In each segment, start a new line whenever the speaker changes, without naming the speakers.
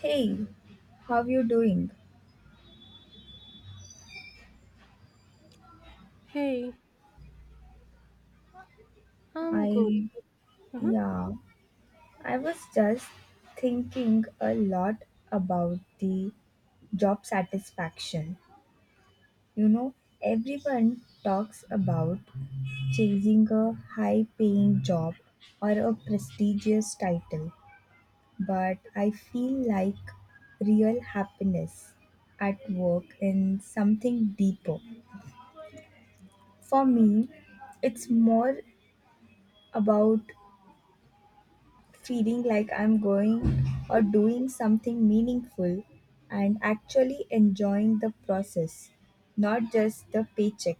Hey, how you doing?
Hey, I'm good.
I
Uh-huh.
Yeah, I was just thinking a lot about the job satisfaction. You know, everyone talks about chasing a high-paying job or a prestigious title, but I feel like real happiness at work in something deeper. For me, it's more about feeling like I'm going or doing something meaningful and actually enjoying the process, not just the paycheck.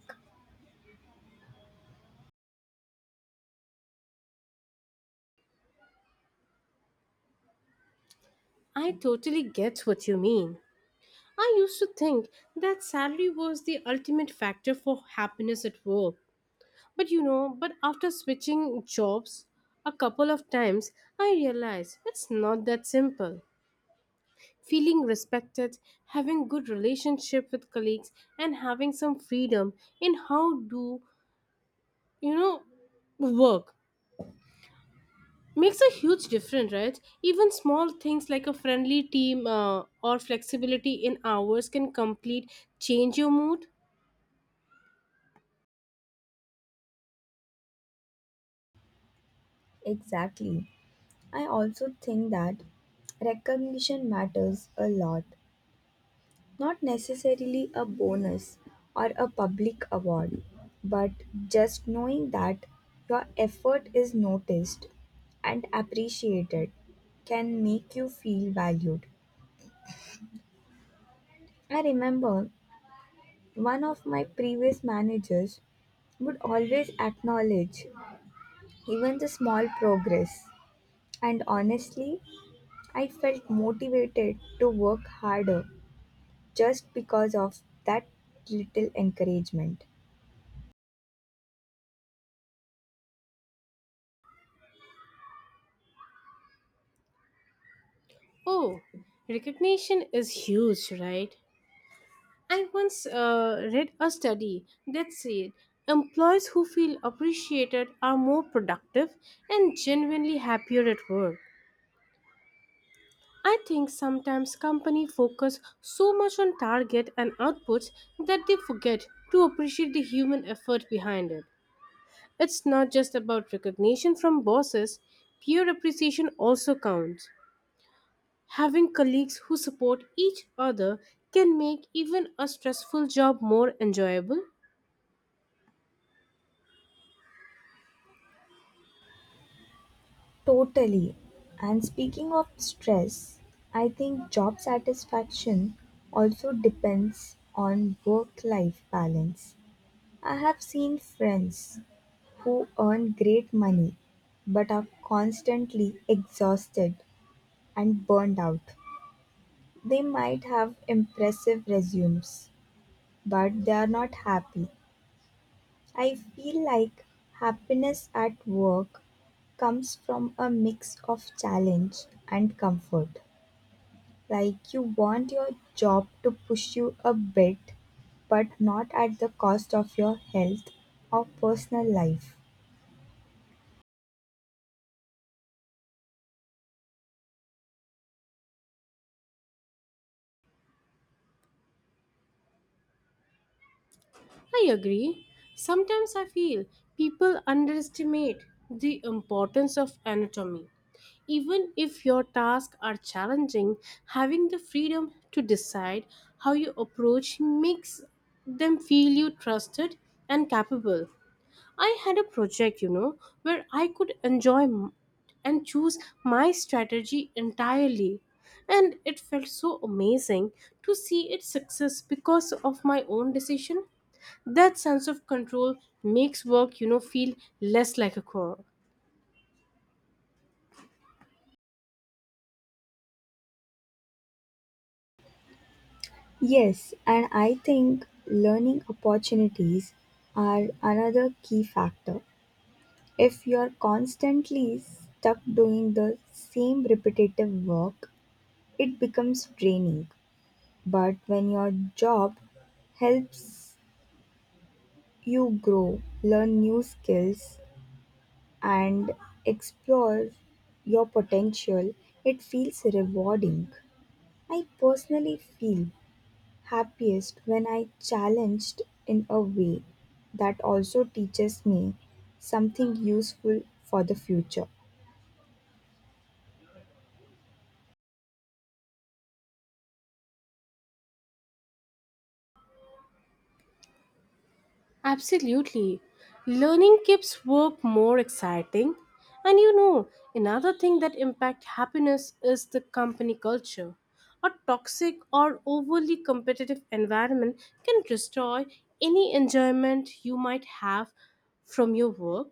I totally get what you mean. I used to think that salary was the ultimate factor for happiness at work. But but after switching jobs a couple of times, I realized it's not that simple. Feeling respected, having good relationship with colleagues and having some freedom in how do, you know, work makes a huge difference, right? Even small things like a friendly team or flexibility in hours can complete change your mood.
Exactly. I also think that recognition matters a lot, not necessarily a bonus or a public award, but just knowing that your effort is noticed and appreciated can make you feel valued. I remember one of my previous managers would always acknowledge even the small progress, and honestly, I felt motivated to work harder just because of that little encouragement.
Oh, recognition is huge, right? I once read a study that said employees who feel appreciated are more productive and genuinely happier at work. I think sometimes companies focus so much on target and outputs that they forget to appreciate the human effort behind it. It's not just about recognition from bosses, peer appreciation also counts. Having colleagues who support each other can make even a stressful job more enjoyable.
Totally. And speaking of stress, I think job satisfaction also depends on work life balance. I have seen friends who earn great money but are constantly exhausted and burned out. They might have impressive resumes, but they are not happy. I feel like happiness at work comes from a mix of challenge and comfort. Like you want your job to push you a bit, but not at the cost of your health or personal life.
I agree. Sometimes I feel people underestimate the importance of anatomy. Even if your tasks are challenging, having the freedom to decide how you approach makes them feel you trusted and capable. I had a project, you know, where I could enjoy and choose my strategy entirely. And it felt so amazing to see its success because of my own decision. That sense of control makes work, you know, feel less like a chore.
Yes, and I think learning opportunities are another key factor. If you're constantly stuck doing the same repetitive work, it becomes draining. But when your job helps you grow, learn new skills, and explore your potential, it feels rewarding. I personally feel happiest when I challenged in a way that also teaches me something useful for the future.
Absolutely. Learning keeps work more exciting. And you know, another thing that impacts happiness is the company culture. A toxic or overly competitive environment can destroy any enjoyment you might have from your work.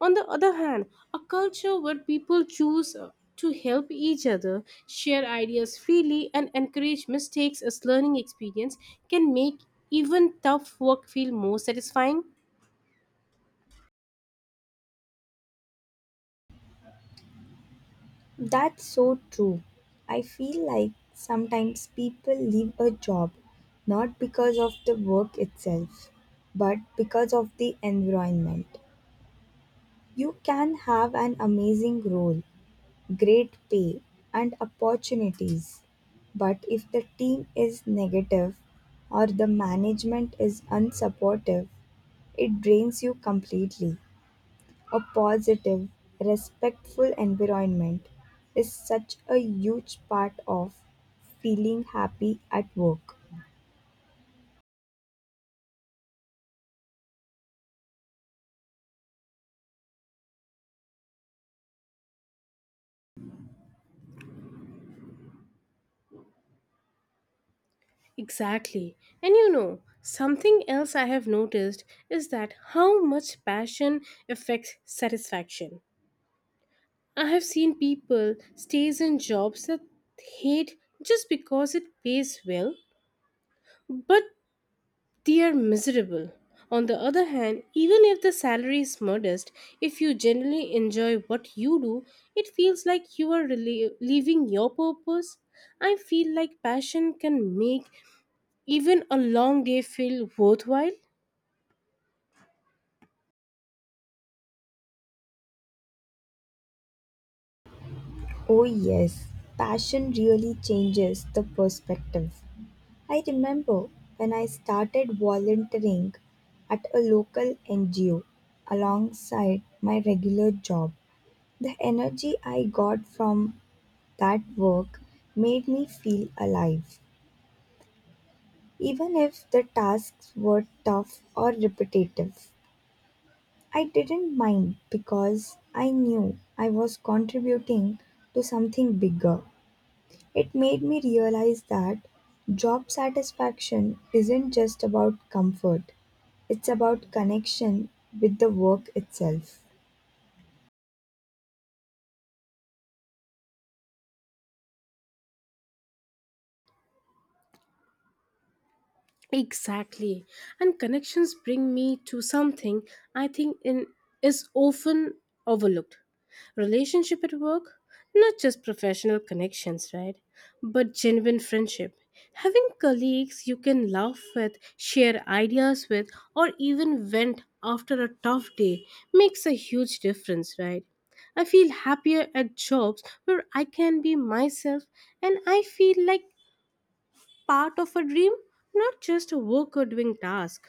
On the other hand, a culture where people choose to help each other, share ideas freely, and encourage mistakes as learning experience can make even tough work feel more satisfying.
That's so true. I feel like sometimes people leave a job not because of the work itself, but because of the environment. You can have an amazing role, great pay and opportunities. But if the team is negative or the management is unsupportive, it drains you completely. A positive, respectful environment is such a huge part of feeling happy at work.
Exactly. And you know, something else I have noticed is that how much passion affects satisfaction. I have seen people stays in jobs that hate just because it pays well, but they are miserable. On the other hand, even if the salary is modest, if you genuinely enjoy what you do, it feels like you are living your purpose. I feel like passion can make even a long day feel worthwhile.
Oh, yes, passion really changes the perspective. I remember when I started volunteering at a local NGO alongside my regular job. The energy I got from that work made me feel alive. Even if the tasks were tough or repetitive, I didn't mind because I knew I was contributing to something bigger. It made me realize that job satisfaction isn't just about comfort, it's about connection with the work itself.
Exactly. And connections bring me to something I think in, is often overlooked. Relationship at work, not just professional connections, right? But genuine friendship. Having colleagues you can laugh with, share ideas with, or even vent after a tough day makes a huge difference, right? I feel happier at jobs where I can be myself and I feel like part of a dream, not just a work or doing task.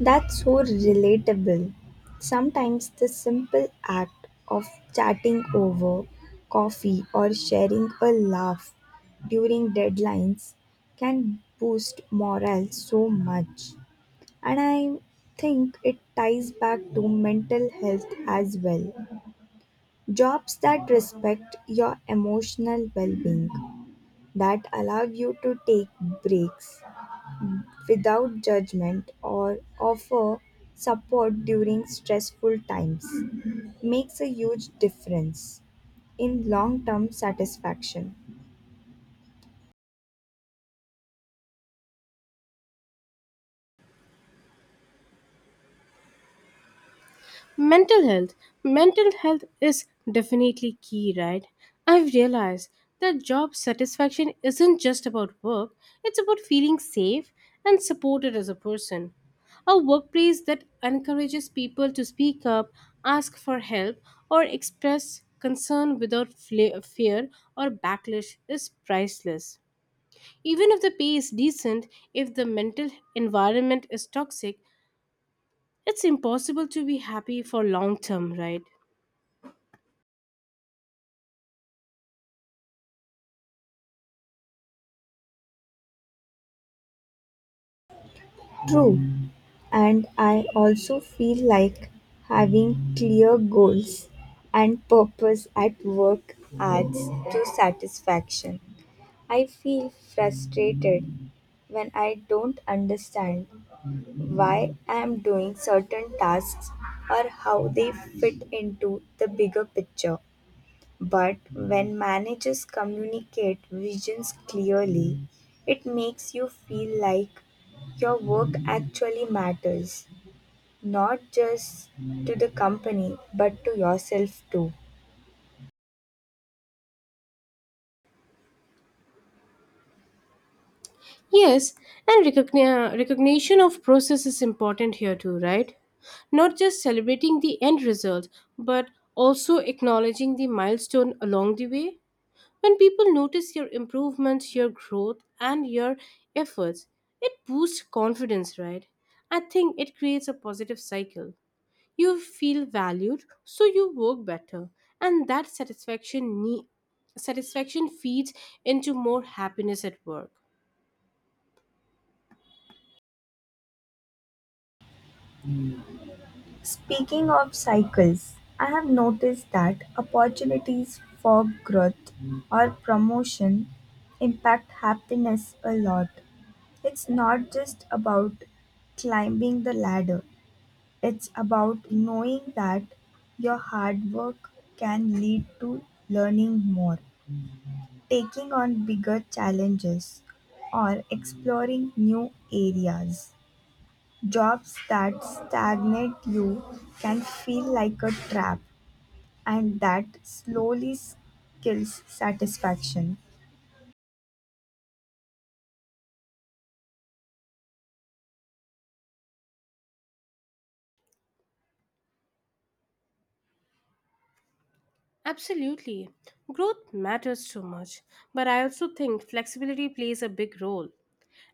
That's so relatable. Sometimes the simple act of chatting over coffee or sharing a laugh during deadlines can boost morale so much. And I think it ties back to mental health as well. Jobs that respect your emotional well being, that allow you to take breaks without judgment or offer support during stressful times, makes a huge difference in long term satisfaction.
Mental health. Mental health is definitely key, right? I've realized that job satisfaction isn't just about work, it's about feeling safe and supported as a person. A workplace that encourages people to speak up, ask for help, or express concern without fear or backlash is priceless. Even if the pay is decent, if the mental environment is toxic, it's impossible to be happy for long term, right?
True, and I also feel like having clear goals and purpose at work adds to satisfaction. I feel frustrated when I don't understand why I am doing certain tasks or how they fit into the bigger picture. But when managers communicate visions clearly, it makes you feel like your work actually matters, not just to the company but to yourself too.
Yes, and recognition of process is important here too, right? Not just celebrating the end result, but also acknowledging the milestone along the way. When people notice your improvements, your growth, and your efforts, it boosts confidence, right? I think it creates a positive cycle. You feel valued, so you work better, and that satisfaction feeds into more happiness at work.
Speaking of cycles, I have noticed that opportunities for growth or promotion impact happiness a lot. It's not just about climbing the ladder, it's about knowing that your hard work can lead to learning more, taking on bigger challenges, or exploring new areas. Jobs that stagnate you can feel like a trap, and that slowly kills satisfaction.
Absolutely. Growth matters so much, but I also think flexibility plays a big role.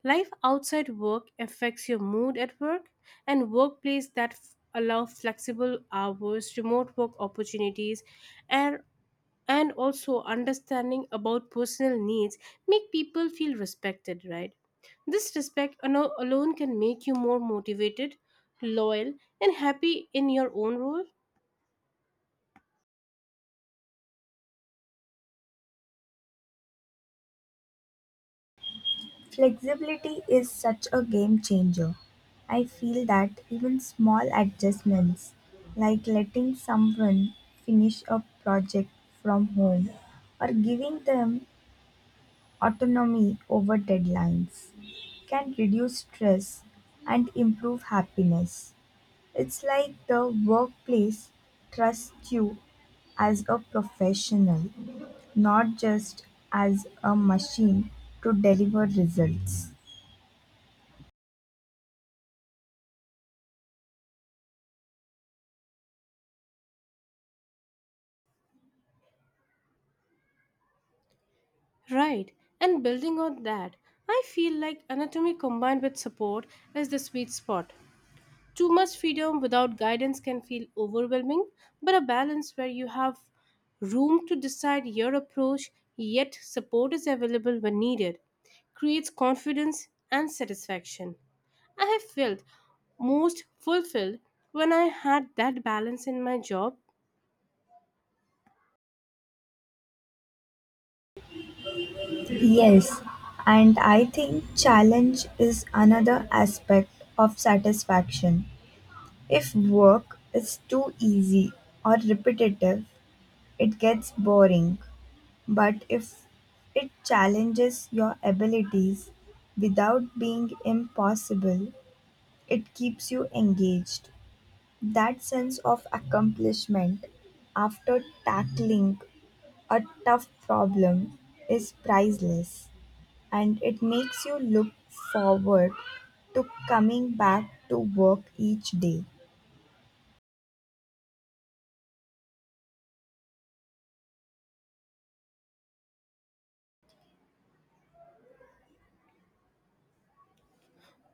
Life outside work affects your mood at work, and workplace that allow flexible hours, remote work opportunities, and and also understanding about personal needs make people feel respected, right? This respect alone can make you more motivated, loyal, and happy in your own role.
Flexibility is such a game changer. I feel that even small adjustments, like letting someone finish a project from home or giving them autonomy over deadlines, can reduce stress and improve happiness. It's like the workplace trusts you as a professional, not just as a machine to deliver results.
Right, and building on that, I feel like anatomy combined with support is the sweet spot. Too much freedom without guidance can feel overwhelming, but a balance where you have room to decide your approach, yet support is available when needed, creates confidence and satisfaction. I have felt most fulfilled when I had that balance in my job.
Yes, and I think challenge is another aspect of satisfaction. If work is too easy or repetitive, it gets boring. But if it challenges your abilities without being impossible, it keeps you engaged. That sense of accomplishment after tackling a tough problem is priceless and it makes you look forward to coming back to work each day.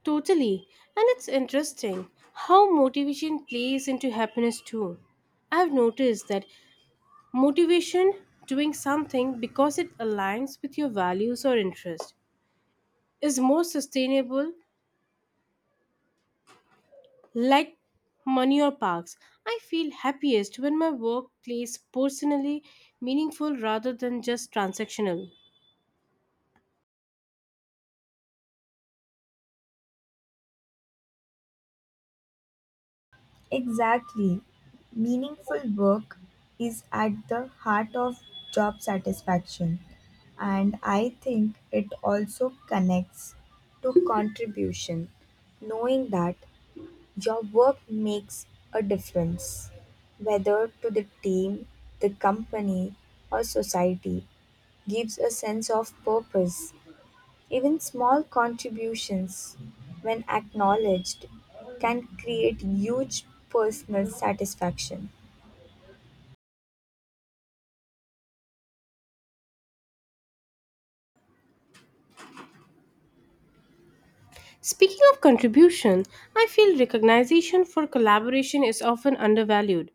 Totally. And it's interesting how motivation plays into happiness too. I've noticed that motivation, doing something because it aligns with your values or interest, is more sustainable, like money or parks. I feel happiest when my work plays personally meaningful rather than just transactional.
Exactly. Meaningful work is at the heart of job satisfaction, and I think it also connects to contribution. Knowing that your work makes a difference, whether to the team, the company, or society, gives a sense of purpose. Even small contributions, when acknowledged, can create huge personal satisfaction.
Speaking of contribution, I feel recognition for collaboration is often undervalued.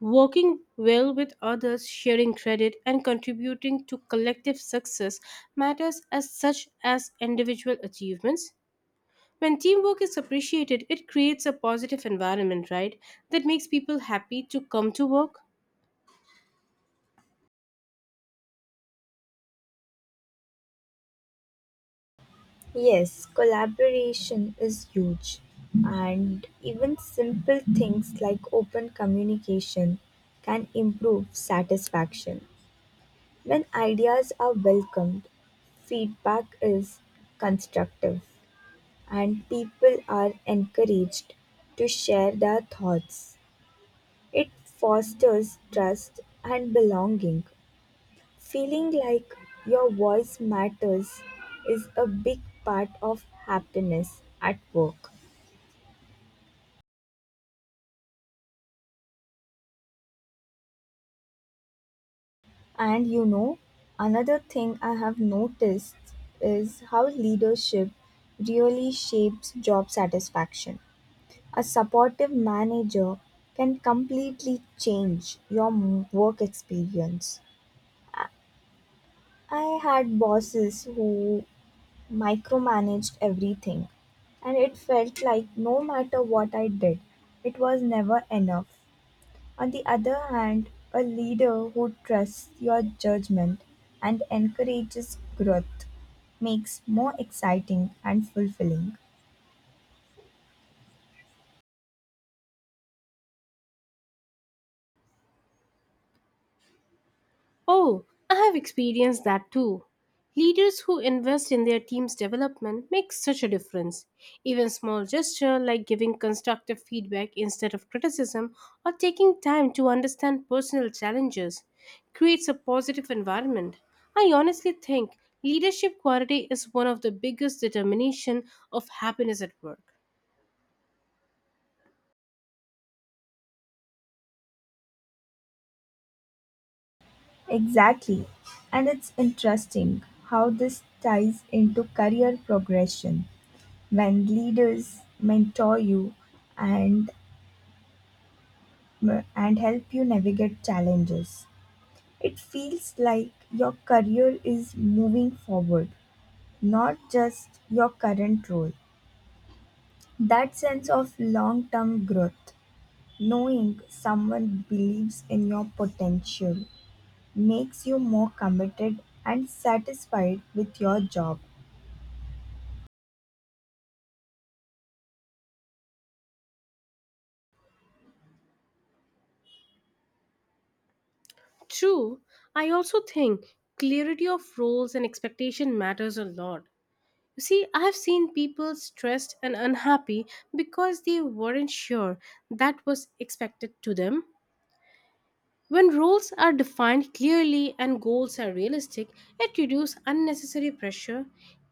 Working well with others, sharing credit, and contributing to collective success matters as such as individual achievements. When teamwork is appreciated, it creates a positive environment, right? That makes people happy to come to work.
Yes, collaboration is huge, and even simple things like open communication can improve satisfaction. When ideas are welcomed, feedback is constructive, and people are encouraged to share their thoughts. It fosters trust and belonging. Feeling like your voice matters is a big part of happiness at work. And you know, another thing I have noticed is how leadership really shapes job satisfaction. A supportive manager can completely change your work experience. I had bosses who micromanaged everything, and it felt like no matter what I did, it was never enough. On the other hand, a leader who trusts your judgment and encourages growth makes more exciting and fulfilling.
Oh, I have experienced that too. Leaders who invest in their team's development make such a difference. Even small gesture like giving constructive feedback instead of criticism or taking time to understand personal challenges creates a positive environment. I honestly think leadership quality is one of the biggest determination of happiness at work.
Exactly. And it's interesting how this ties into career progression when leaders mentor you and and help you navigate challenges. It feels like your career is moving forward, not just your current role. That sense of long-term growth, knowing someone believes in your potential, makes you more committed and satisfied with your job.
True, I also think clarity of roles and expectation matters a lot. You see, I've seen people stressed and unhappy because they weren't sure that was expected to them. When roles are defined clearly and goals are realistic, it reduces unnecessary pressure.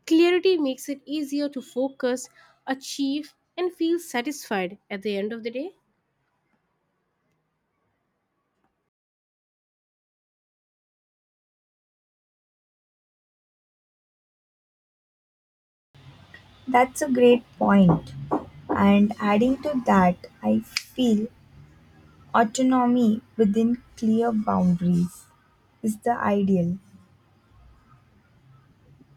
Clarity makes it easier to focus, achieve, and feel satisfied at the end of the day.
That's a great point. And adding to that, I feel autonomy within clear boundaries is the ideal.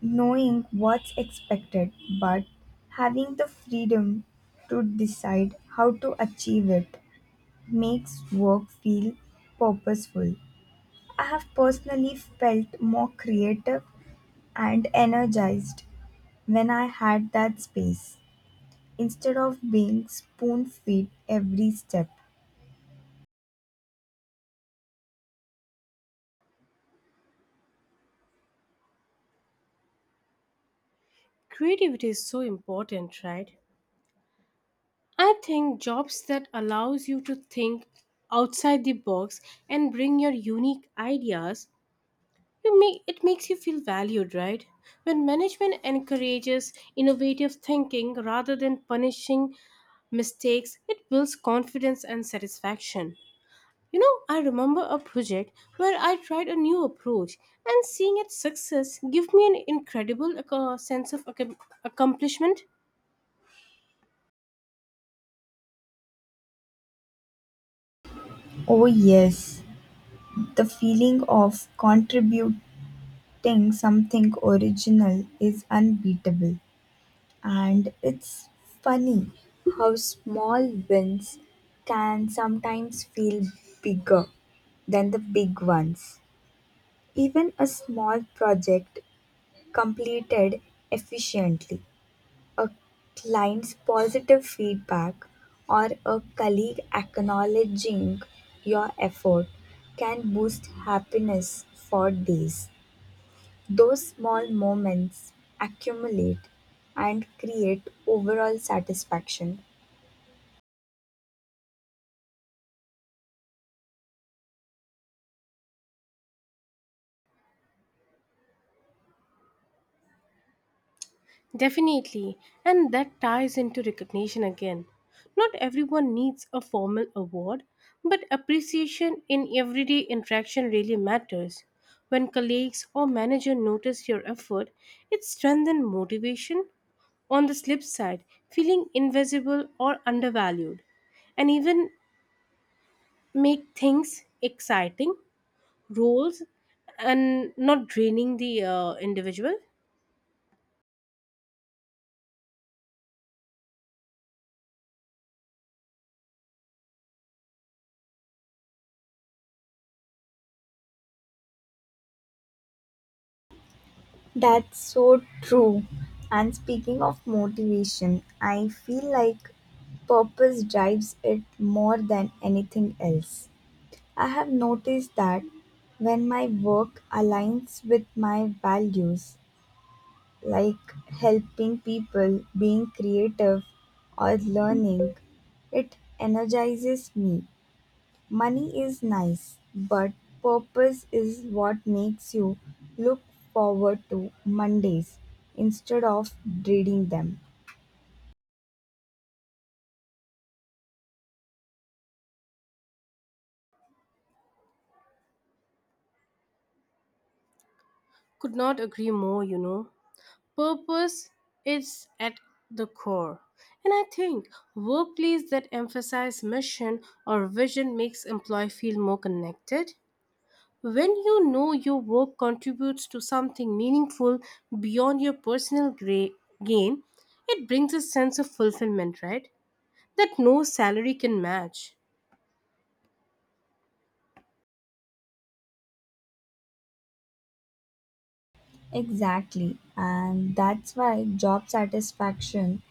Knowing what's expected, but having the freedom to decide how to achieve it makes work feel purposeful. I have personally felt more creative and energized when I had that space, instead of being spoon-fed every step.
Creativity is so important, right? I think jobs that allows you to think outside the box and bring your unique ideas, you make, it makes you feel valued, right? When management encourages innovative thinking rather than punishing mistakes, it builds confidence and satisfaction. You know, I remember a project where I tried a new approach, and seeing its success gave me an incredible sense of accomplishment.
Oh yes, the feeling of contributing something original is unbeatable. And it's funny how small wins can sometimes feel bigger than the big ones. Even a small project completed efficiently, a client's positive feedback, or a colleague acknowledging your effort, can boost happiness for days. Those small moments accumulate and create overall satisfaction.
Definitely, and that ties into recognition again. Not everyone needs a formal award, but appreciation in everyday interaction really matters. When colleagues or manager notice your effort, it strengthens motivation. On the slip side, feeling invisible or undervalued, and even make things exciting, roles, and not draining the individual.
That's so true. And speaking of motivation, I feel like purpose drives it more than anything else. I have noticed that when my work aligns with my values, like helping people, being creative, or learning, it energizes me. Money is nice, but purpose is what makes you look forward to Mondays instead of dreading them.
Could not agree more, you know. Purpose is at the core. And I think workplace that emphasize mission or vision makes employee feel more connected. When you know your work contributes to something meaningful beyond your personal gain, it brings a sense of fulfillment, right? That no salary can match.
Exactly, and that's why job satisfaction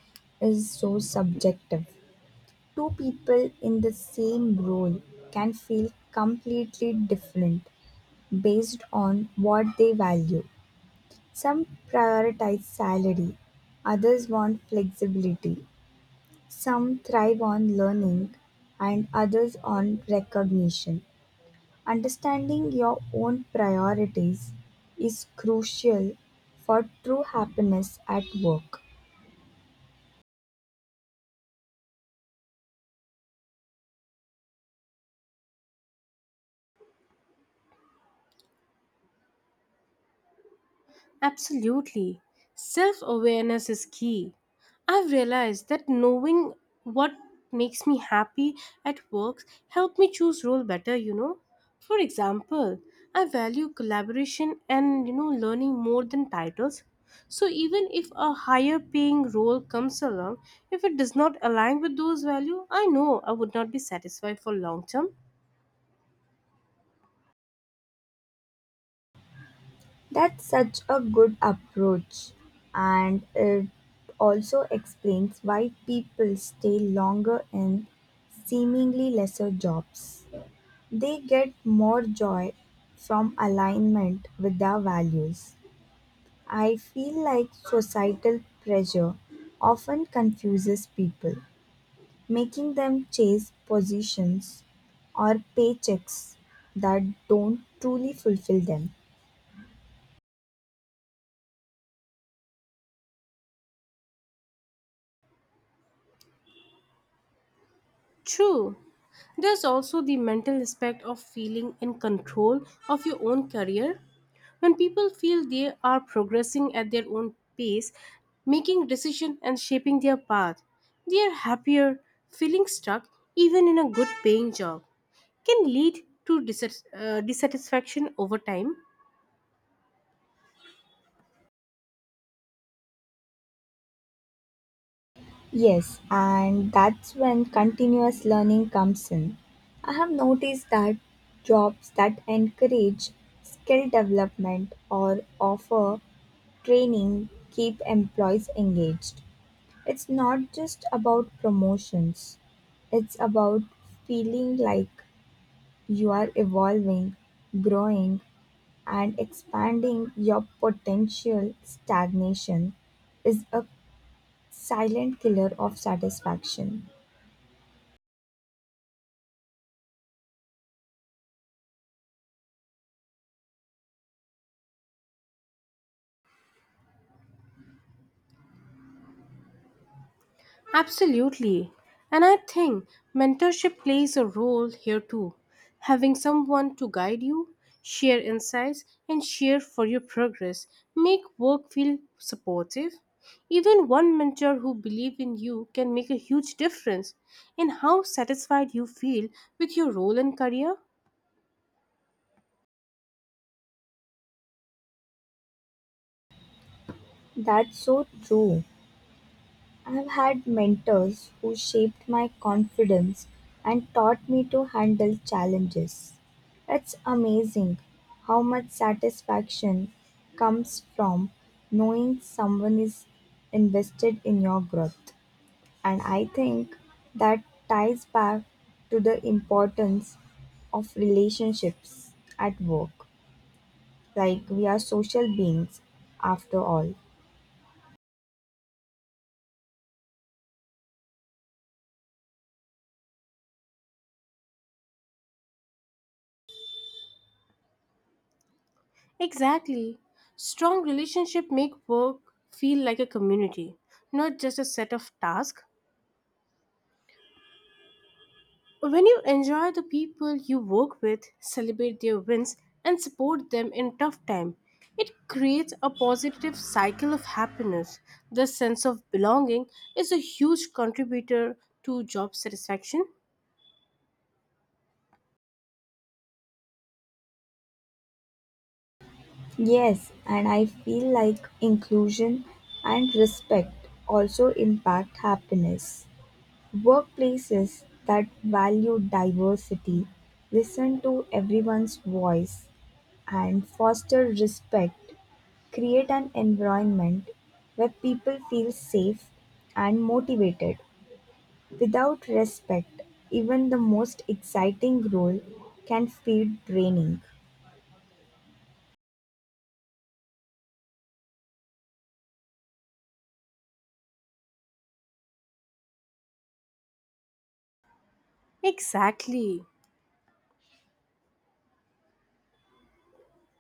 is so subjective. Two people in the same role can feel completely different based on what they value. Some prioritize salary, others want flexibility, some thrive on learning, and others on recognition. Understanding your own priorities is crucial for true happiness at work.
Absolutely. Self awareness is key. I've realized that knowing what makes me happy at work helped me choose role better, you know. For example, I value collaboration and you know learning more than titles. So even if a higher paying role comes along, if it does not align with those values, I know I would not be satisfied for long term.
That's such a good approach, and it also explains why people stay longer in seemingly lesser jobs. They get more joy from alignment with their values. I feel like societal pressure often confuses people, making them chase positions or paychecks that don't truly fulfill them.
True. There's also the mental aspect of feeling in control of your own career. When people feel they are progressing at their own pace, making decisions and shaping their path, they are happier. Feeling stuck, even in a good paying job, can lead to dissatisfaction over time.
Yes, and that's when continuous learning comes in. I have noticed that jobs that encourage skill development or offer training keep employees engaged. It's not just about promotions, it's about feeling like you are evolving, growing, and expanding your potential. Stagnation is a silent killer of satisfaction.
Absolutely. And I think mentorship plays a role here too. Having someone to guide you, share insights, and share for your progress make work feel supportive. Even one mentor who believes in you can make a huge difference in how satisfied you feel with your role and career.
That's so true. I've had mentors who shaped my confidence and taught me to handle challenges. It's amazing how much satisfaction comes from knowing someone is invested in your growth. And I think that ties back to the importance of relationships at work. Like, we are social beings after all.
Exactly. Strong relationship make work feel like a community, not just a set of tasks. When you enjoy the people you work with, celebrate their wins, and support them in tough time, it creates a positive cycle of happiness. The sense of belonging is a huge contributor to job satisfaction.
Yes, and I feel like inclusion and respect also impact happiness. Workplaces that value diversity, listen to everyone's voice, and foster respect create an environment where people feel safe and motivated. Without respect, even the most exciting role can feel draining.
Exactly.